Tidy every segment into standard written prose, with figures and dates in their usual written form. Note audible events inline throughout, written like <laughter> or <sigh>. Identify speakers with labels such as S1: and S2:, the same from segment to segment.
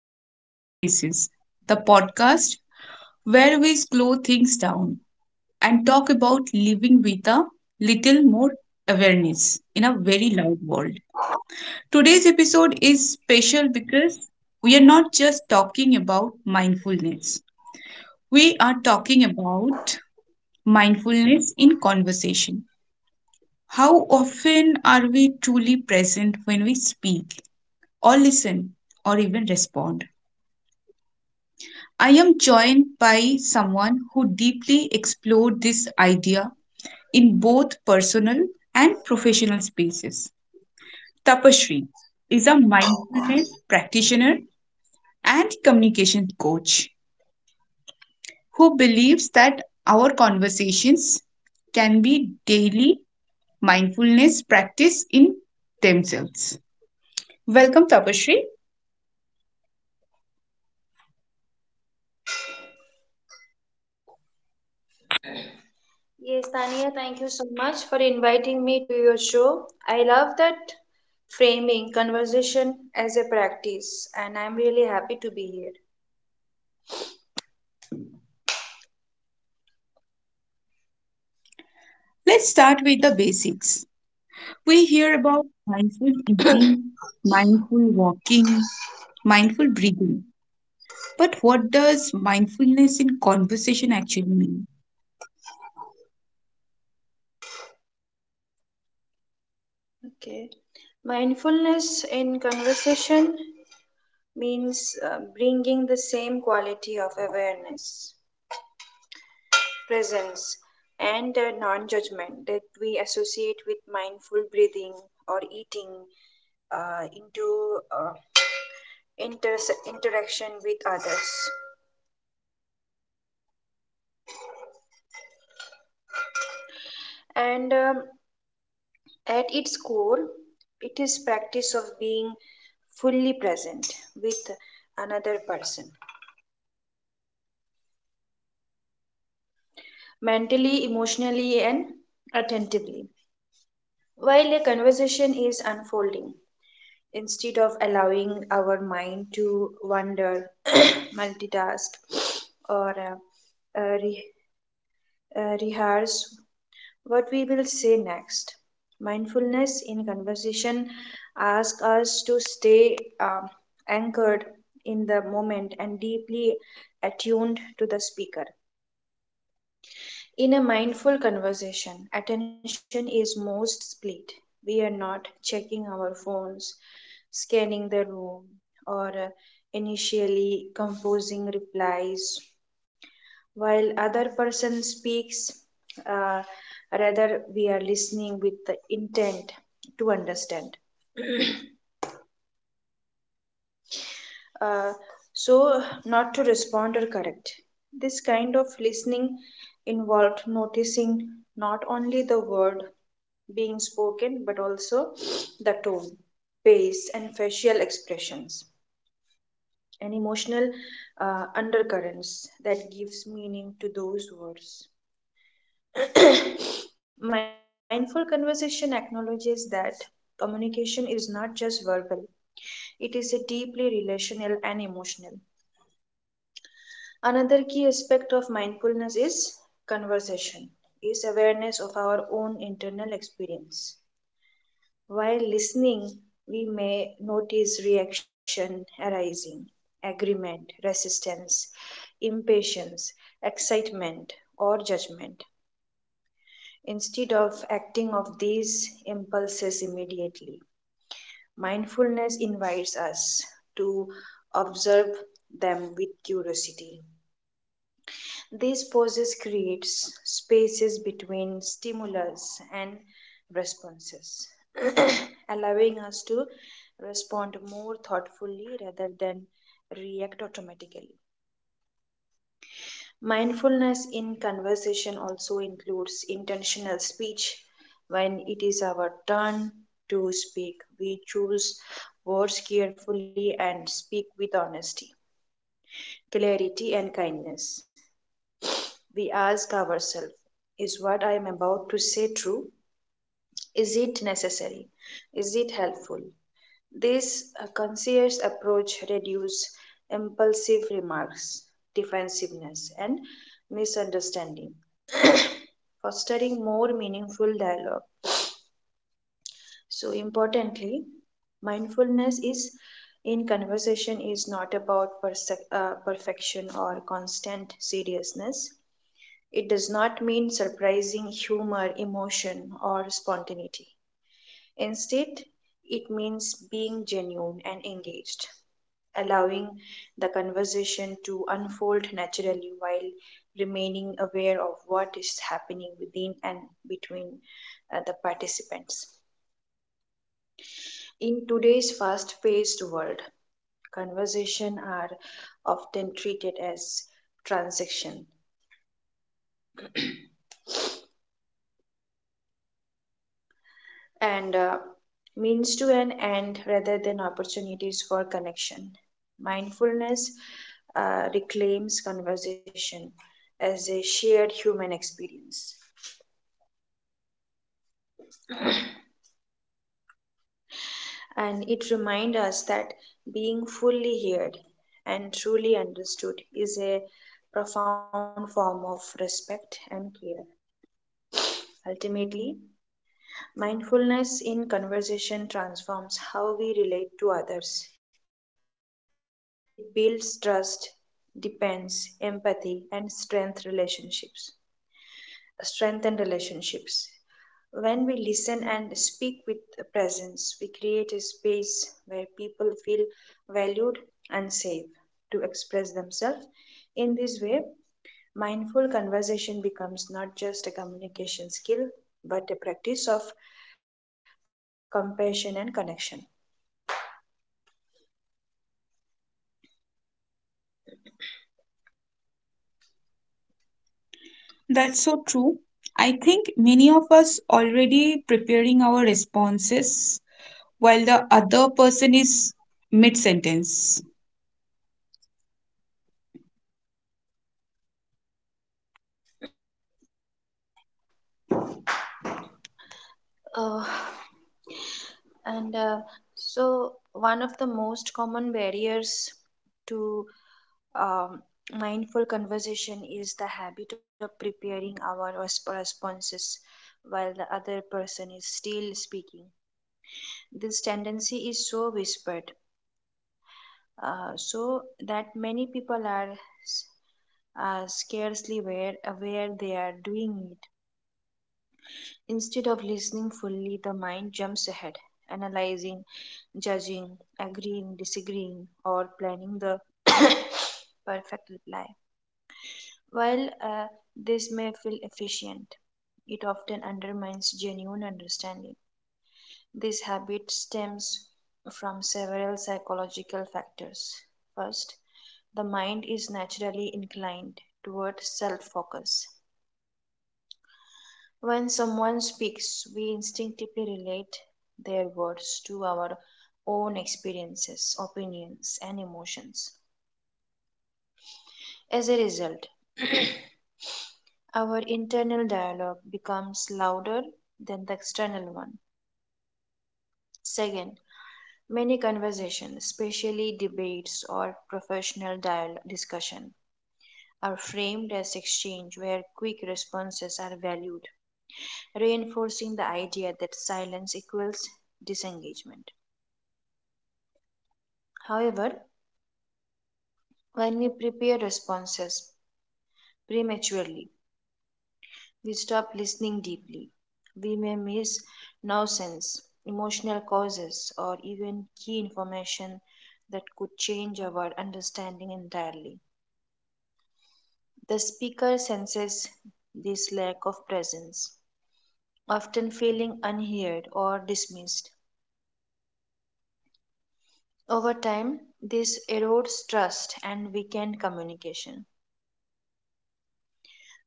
S1: to Quiet Spaces, the podcast where we slow things down and talk about living with a little more awareness in a very loud world. Today's episode is special because we are not just talking about mindfulness, we are talking about mindfulness in conversation. How often are we truly present when we speak, or listen, or even respond? I am joined by someone who deeply explored this idea in both personal and professional spaces. Tapashri is a mindfulness practitioner and communication coach who believes that our conversations can be daily mindfulness practice in themselves. Welcome, Tapashri.
S2: Yes, Tania, thank you so much for inviting me to your show. I love that framing conversation as a practice, and I'm really happy to be here.
S1: Let's start with the basics. We hear about mindful eating, mindful walking, mindful breathing. But what does mindfulness in conversation actually mean?
S2: Okay. Mindfulness in conversation means bringing the same quality of awareness, presence, and non judgment that we associate with mindful breathing or eating into interaction with others. And at its core it is practice of being fully present with another person mentally emotionally and attentively while a conversation is unfolding instead of allowing our mind to wander <clears throat> multitask or rehearse what we will say next. Mindfulness in conversation asks us to stay anchored in the moment and deeply attuned to the speaker. In a mindful conversation, attention is most split. We are not checking our phones, scanning the room, or initially composing replies while other person speaks, uh, rather we are listening with the intent to understand. <clears throat> uh, so not to respond or correct, this kind of listening involved noticing not only the word being spoken but also the tone pace and facial expressions and emotional undercurrents that gives meaning to those words. <clears throat> Mindful conversation acknowledges that communication is not just verbal, it is a deeply relational and emotional. Another key aspect of mindfulness is conversation, is awareness of our own internal experience. While listening, we may notice reaction arising, agreement, resistance, impatience, excitement, or judgment. Instead of acting of these impulses immediately, mindfulness invites us to observe them with curiosity. These pauses creates spaces between stimulus and responses, <clears throat> allowing us to respond more thoughtfully rather than react automatically. Mindfulness in conversation also includes intentional speech. When it is our turn to speak, we choose words carefully and speak with honesty, clarity, and kindness. We ask ourselves, is what I am about to say true? Is it necessary? Is it helpful? This conscious approach reduces impulsive remarks, defensiveness, and misunderstanding, fostering more meaningful dialogue. So, importantly, mindfulness is in conversation is not about perfection or constant seriousness. It does not mean surprising humor, emotion, or spontaneity. Instead, it means being genuine and engaged, allowing the conversation to unfold naturally while remaining aware of what is happening within and between the participants. In today's fast paced world, conversations are often treated as transactions and means to an end rather than opportunities for connection. Mindfulness reclaims conversation as a shared human experience, and it reminds us that being fully heard and truly understood is a profound form of respect and care. Ultimately, mindfulness in conversation transforms how we relate to others. It builds trust, depends, empathy, and strength relationships. Strengthen relationships. When we listen and speak with presence, we create a space where people feel valued and safe to express themselves. In this way, mindful conversation becomes not just a communication skill, but a practice of compassion and connection.
S1: That's so true. I think many of us already preparing our responses while the other person is mid sentence.
S2: <clears throat> <coughs> Uh, <sighs> and uh, one of the most common barriers to um, mindful conversation is the habit of preparing our responses while the other person is still speaking. This tendency is so whispered, so that many people are s- are scarcely aware they are doing it. Instead of listening fully, the ahead, analyzing judging, agreeing, disagreeing, or planning the <coughs> perfect reply. While this may feel efficient, it often undermines genuine understanding. This habit stems from psychological factors. First, the mind is naturally inclined toward self focus. When someone speaks, we instinctively relate their words to our own experiences, opinions, and emotions. As a result, our internal dialogue becomes louder than the external one. Second, many conversations, especially debates or professional dial discussion, are framed as exchange where quick responses are valued, reinforcing the idea that silence equals disengagement. However, when we prepare responses prematurely, we stop listening deeply. We may miss nuisance, emotional causes, or even key information that could change our understanding entirely. The speaker senses this lack of presence, often feeling unheard or dismissed. Over time, this erodes trust and weakens communication.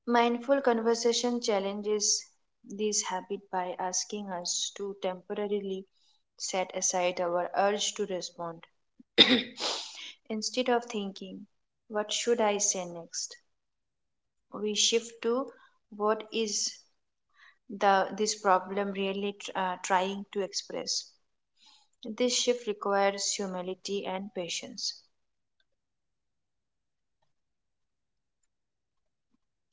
S2: Mindful conversation challenges this habit by asking us to temporarily set aside our urge to respond. <coughs> <clears throat> Instead of thinking, what should I say next? We shift to what is the this problem really trying to express. This shift requires humility and patience.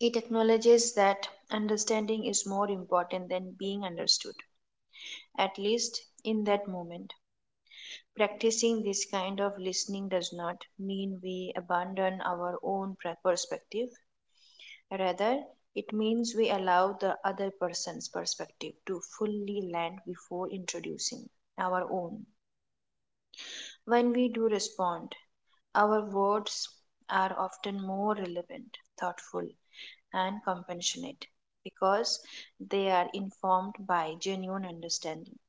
S2: It acknowledges that understanding is more important than being understood, at least in that moment. Practicing this kind of listening does not mean we abandon our own perspective. Rather, it means we allow the other person's perspective to fully land before introducing our own. When we do respond, our words are often more relevant, thoughtful, and compassionate because they are informed by genuine understanding.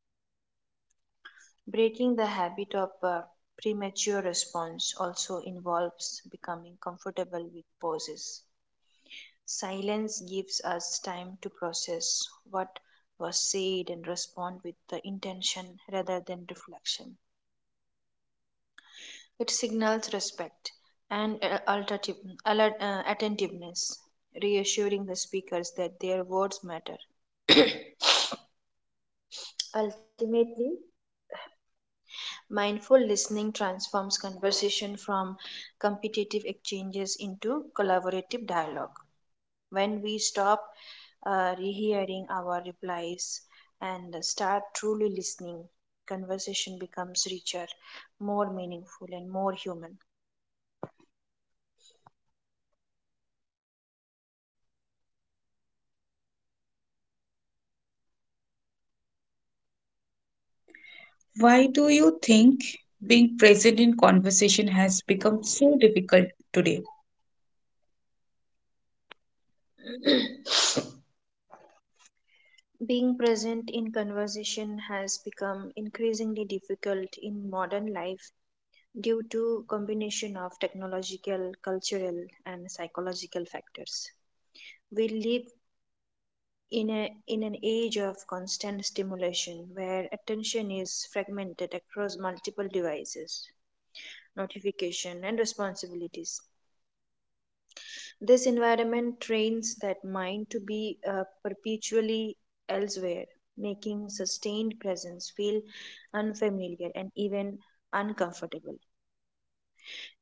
S2: Breaking the habit of premature response also involves becoming comfortable with pauses. Silence gives us time to process what was said and respond with the intention rather than reflection. It signals respect and attentiveness, reassuring the speakers that their words matter. <coughs> <clears throat> Ultimately, mindful listening transforms conversation from competitive exchanges into collaborative dialogue. When we stop rehearing our replies and start truly listening, conversation becomes richer, more meaningful, and more human.
S1: Why do you think being present in conversation has become so difficult today?
S2: <clears throat> Being present in conversation has become increasingly difficult in modern life due to combination of technological, cultural, and psychological factors. We live in an age of constant stimulation where attention is fragmented across multiple devices notification and responsibilities. This environment trains that mind to be perpetually elsewhere, making sustained presence feel unfamiliar and even uncomfortable.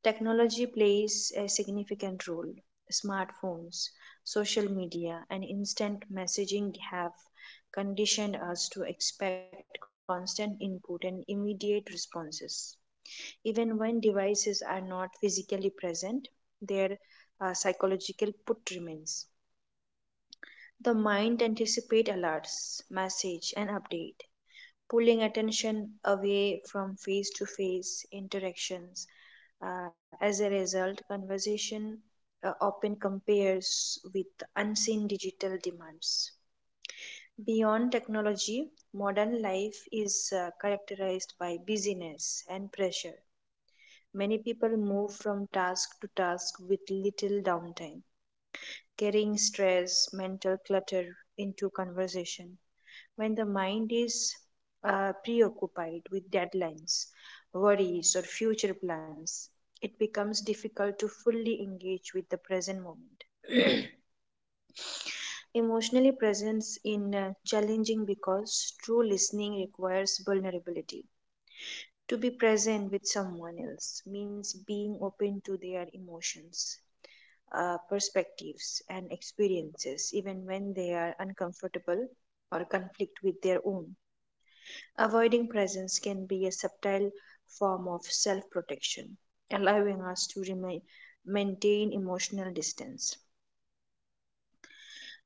S2: Technology plays a significant role. Smartphones, social media, and instant messaging have conditioned us to expect constant input and immediate responses. Even when devices are not physically present, their psychological put remains. The mind anticipates alerts, message, and update, pulling attention away from face to face interactions. Uh, as a result, conversation often compares with unseen digital demands. Beyond technology, modern life is characterized by busyness and pressure. Many people move from task to task with little downtime, carrying stress, mental clutter into conversation. When the mind is preoccupied with deadlines, worries, or future plans, it becomes difficult to fully engage with the present moment. <clears throat> Emotionally presence in challenging because true listening requires vulnerability. To be present with someone else means being open to their emotions, perspectives, and experiences, even when they are uncomfortable or conflict with their own. Avoiding presence can be a subtle form of self protection, allowing us to remain, maintain emotional distance.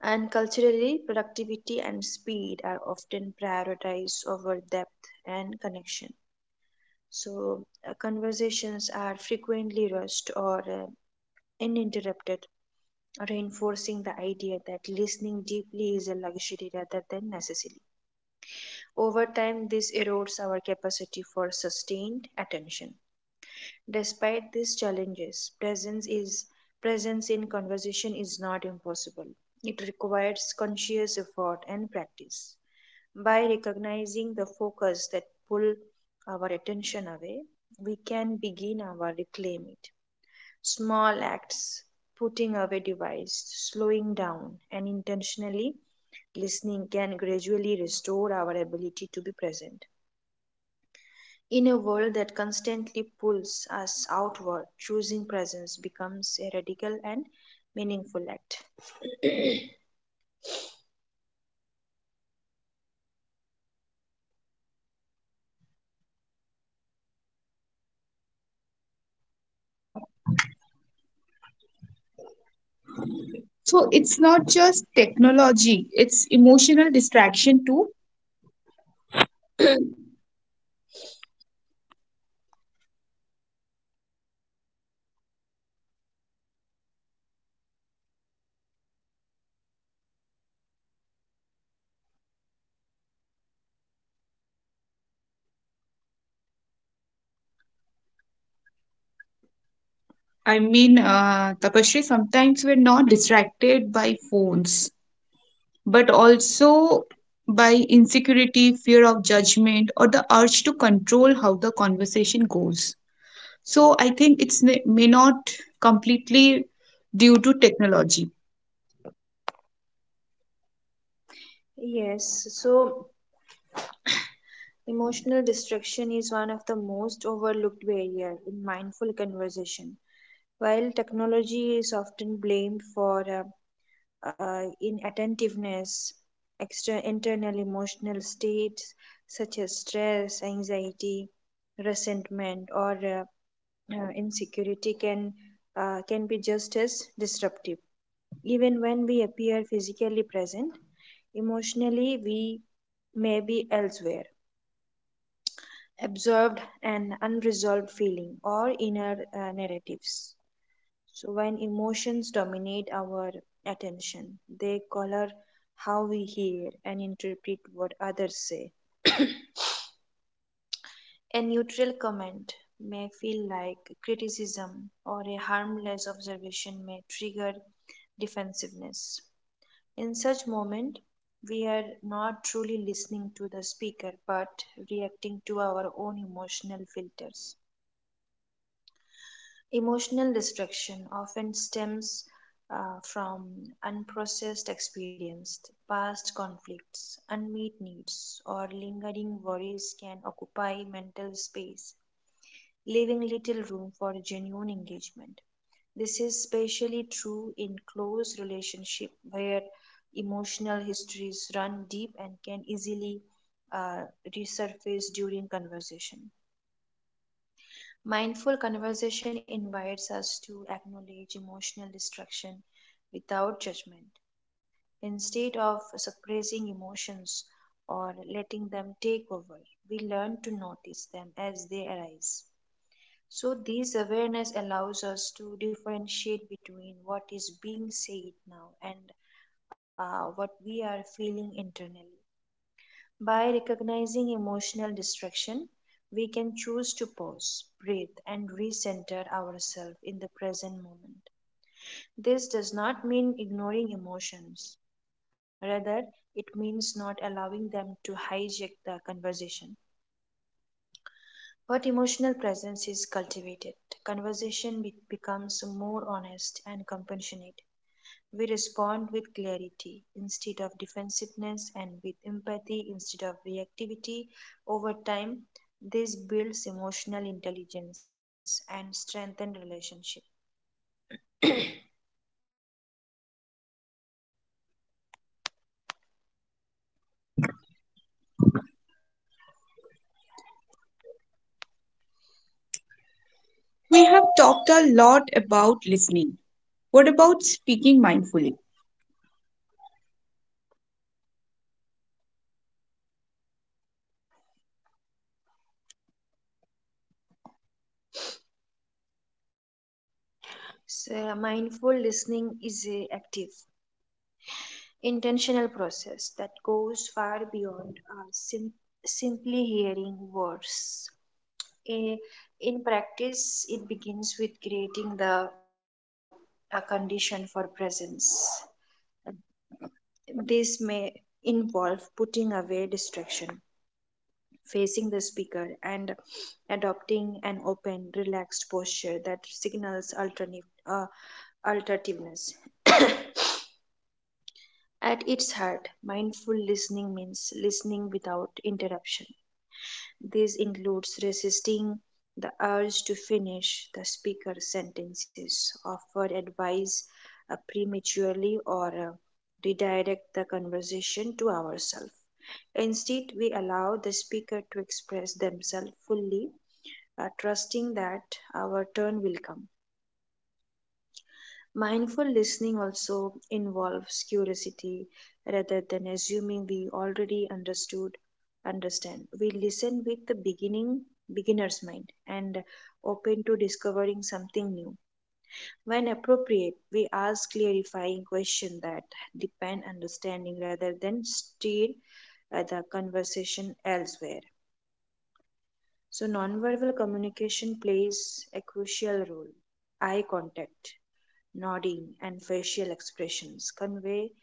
S2: And culturally, productivity and speed are often prioritized over depth and connection. So, conversations are frequently rushed or uninterrupted, reinforcing the idea that listening deeply is a luxury rather than necessary. Over time, this erodes our capacity for sustained attention. Despite these challenges, presence in conversation is not impossible. It requires conscious effort and practice. By recognizing the focus that pull our attention away, we can begin our reclaim it. Small acts, putting away device, slowing down, and intentionally listening can gradually restore our ability to be present. In a world that constantly pulls us outward, choosing presence becomes a radical and meaningful act.
S1: So it's not just technology, it's emotional distraction too. I mean, Tapashri, sometimes we're not distracted by phones but also by insecurity, fear of judgment, or the urge to control how the conversation goes. So I think may not completely due to technology.
S2: Yes, so emotional distraction is one of the most overlooked barrier in mindful conversation. While technology is often blamed for inattentiveness, extra internal emotional states such as stress, anxiety, resentment, or insecurity can be just as disruptive. Even when we appear physically present, emotionally we may be elsewhere, observed and unresolved feeling or inner narratives. So when emotions dominate our attention, they color how we hear and interpret what others say. <coughs> A neutral comment may feel like criticism, or a harmless observation may trigger defensiveness. In such moment, we are not truly listening to the speaker but reacting to our own emotional filters. Emotional distraction often stems from unprocessed experience, past conflicts, unmet needs, or lingering worries can occupy mental space leaving little room for genuine engagement. This is especially true in close relationships where emotional histories run deep and can easily uh, resurface during conversation. Mindful conversation invites us to acknowledge emotional distraction without judgment. Instead of suppressing emotions or letting them take over, we learn to notice them as they arise. So, this awareness allows us to differentiate between what is being said now and what we are feeling internally. By recognizing emotional distraction, we can choose to pause, breathe, and recenter ourselves in the present moment. This does not mean ignoring emotions, rather, it means not allowing them to hijack the conversation. But emotional presence is cultivated. Becomes more honest and compassionate. We respond with clarity instead of defensiveness and with empathy instead of reactivity. Over time, this builds emotional intelligence and strengthens relationship.
S1: We have talked a lot about listening. What about speaking mindfully?
S2: So mindful listening is a active, intentional that goes far beyond simply hearing words. Eh, In practice, it begins with creating the a condition for presence. This may involve putting away distraction, facing the speaker, and adopting an open, relaxed posture that signals alternativeness. At its heart, mindful listening means listening without interruption. This includes resisting the urge to finish the speaker's sentences, offer advice prematurely, or redirect the conversation to ourselves. Instead, we allow the speaker to express themselves fully, trusting that our turn will come. Mindful listening also involves curiosity rather than assuming we already understood understand. We listen with the beginning beginner's mind and open to discovering something new. When appropriate, we ask clarifying questions that depend understanding rather than steer the conversation elsewhere. So, nonverbal communication plays a crucial role. Eye contact, nodding, and facial expressions convey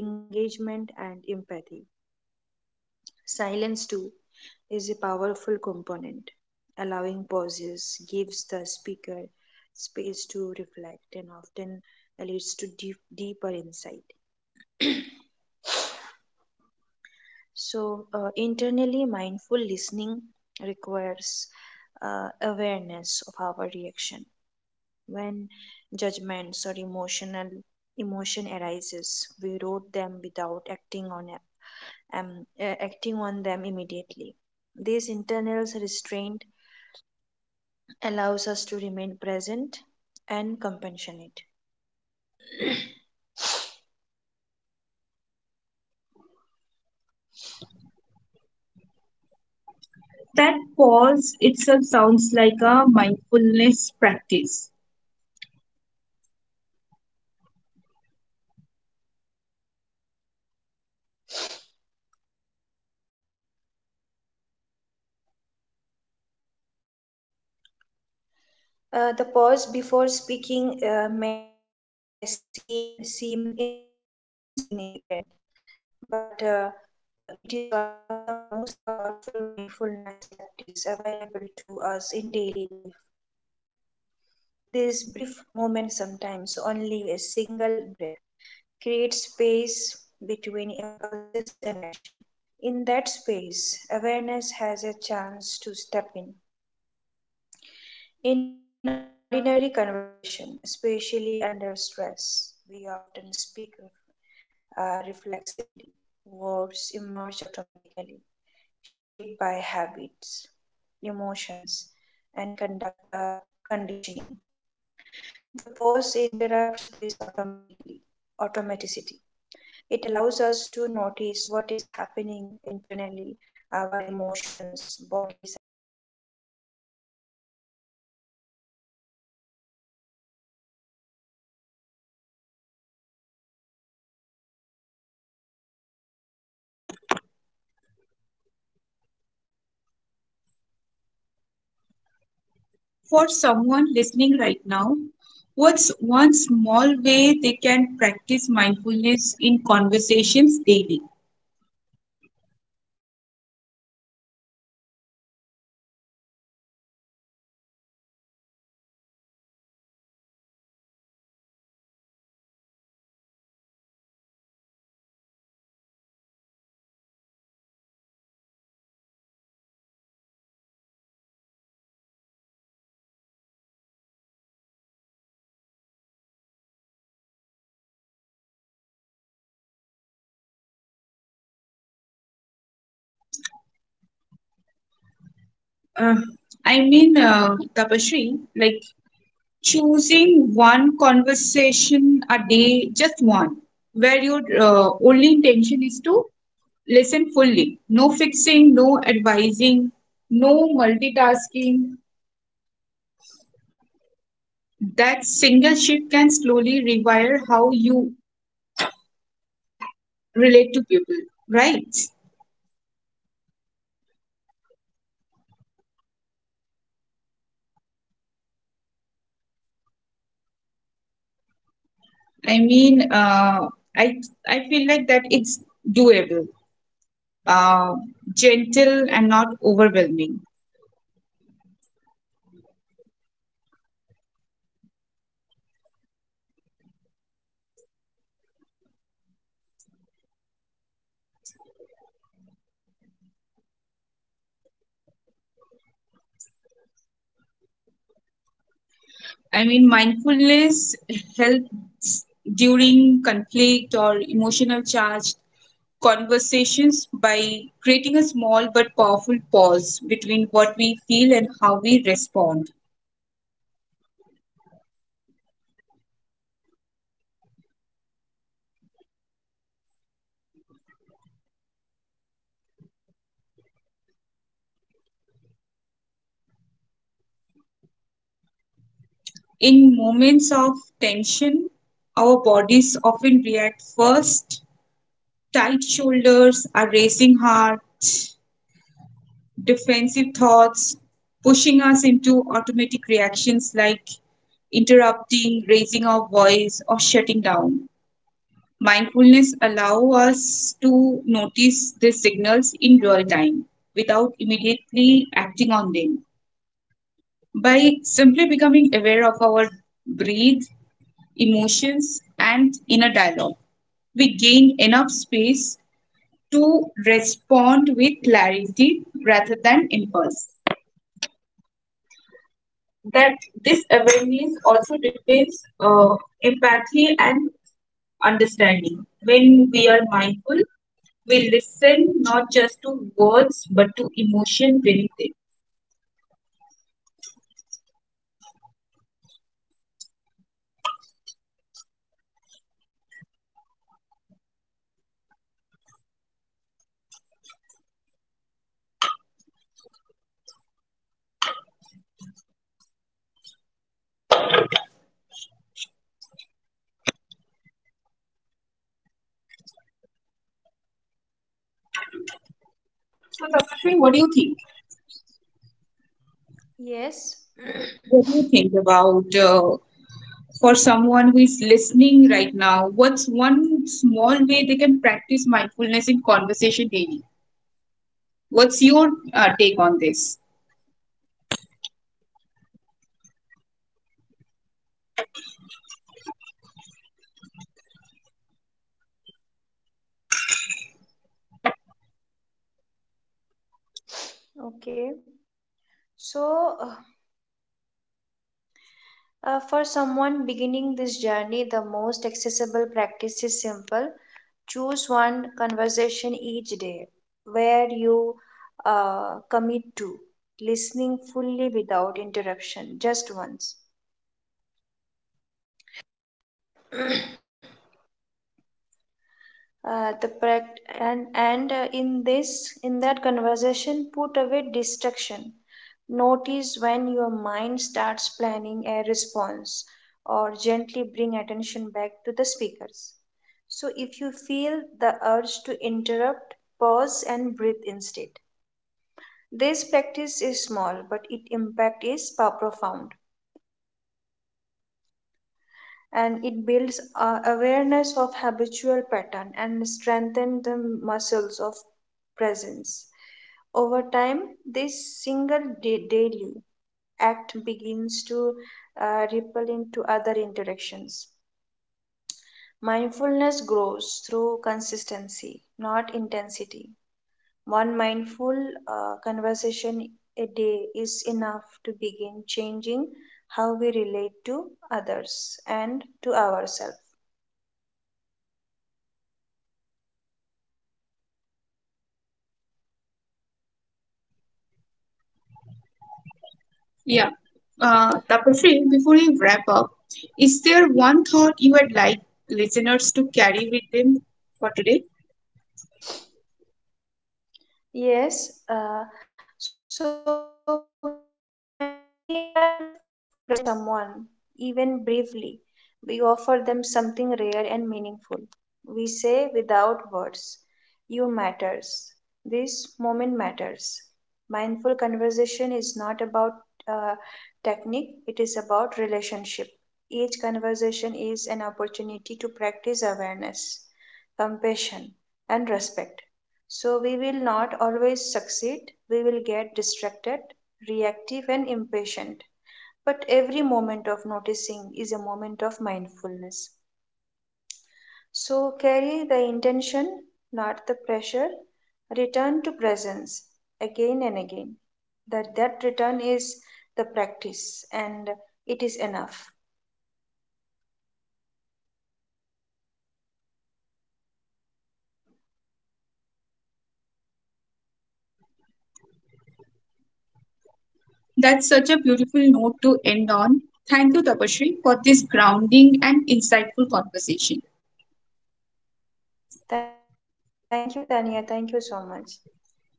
S2: engagement and empathy. Silence, too, is a powerful component. Allowing pauses gives the speaker space to reflect and often leads to deeper insight. Internally, mindful listening requires awareness of our reaction. When judgments or emotion arises, we wrote them without acting on them immediately. This internal restraint allows us to remain present and compassionate. <clears throat>
S1: That pause itself sounds like a mindfulness practice.
S2: The pause before speaking may seem insignificant, but it is one of the most powerful mindfulness practice available to us in daily life. This brief moment, sometimes only a single breath, creates space between impulses and action. In that space, awareness has a chance to step in. In ordinary conversation, especially under stress, we often speak reflexively. Words emerge automatically, shaped by habits, emotions, and conditioning. The pause interrupts this automatically automaticity. It allows us to notice what is happening internally, our emotions, bodily sensations, mental narratives before we give them voice. This pause is mindfulness in action because it anchors us in the present moment.
S1: For someone listening right now, what's one small way they can practice mindfulness in conversations daily? Uh, Tapashri, like choosing one conversation a day, just one, where your only intention is to listen fully. No fixing, no advising, no multitasking. That single shift can slowly rewire how you relate to people, right? I mean, I I feel like that it's doable, uh, gentle and not overwhelming. I mean, mindfulness helps during conflict or emotional charged conversations by creating a small but powerful pause between what we feel and how we respond. In moments of tension, our bodies often react first. Tight shoulders, a racing heart, defensive thoughts, pushing us into automatic reactions like interrupting, raising our voice, or shutting down. Mindfulness allows us to notice these signals in real time without immediately acting on them. By simply becoming aware of our breath, emotions, and inner dialogue, we gain enough space to respond with clarity rather than impulse. That this awareness also depends empathy and understanding. When we are mindful, we listen not just to words but to emotion beneath it. So, Dr. Sri, what do you think?
S2: Yes,
S1: What do you think about, for someone who is listening right now? What's one small way they can practice mindfulness in conversation daily? What's your take on this?
S2: okay. So, for someone beginning this journey, the most accessible practice is simple. Choose one conversation each day where you commit to listening fully without interruption, just once. The prac- and In this in that conversation, put away distraction, notice when your mind starts planning a response, or gently bring attention back to the speakers. So if you feel the urge to interrupt, pause and breathe instead. This practice is small but its impact profound, and it builds awareness of habitual pattern and strengthens the muscles of presence. Over time, this daily act begins to ripple into other interactions. Mindfulness grows through consistency, not intensity. One mindful conversation a day is enough to begin changing how we relate to others and to ourselves.
S1: Yeah. Tapasree, before you wrap up, is there one thought you would like listeners to carry with them for today?
S2: Yes, uh, so when we are fully present with someone, even briefly, we offer them something rare and meaningful. We say without words, you matters. This moment matters. Mindful conversation is not about uh, technique, it is about relationship. Each conversation is an opportunity to practice awareness, compassion. So we will not always succeed. We will get distracted, reactive, and impatient. But every moment of noticing is a moment of mindfulness. So carry the intention, not the pressure. Return to presence again and again. That return is the practice and it is enough.
S1: That's such a beautiful note to end on. Thank you, Tapasree, for this grounding and insightful conversation.
S2: Thank you, Tanya. Thank you so much.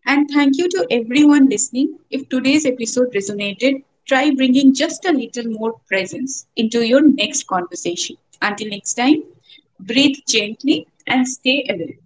S1: And thank you to everyone listening. If today's episode resonated, try bringing just a little more presence into your next conversation. Until next time, breathe gently and stay aware.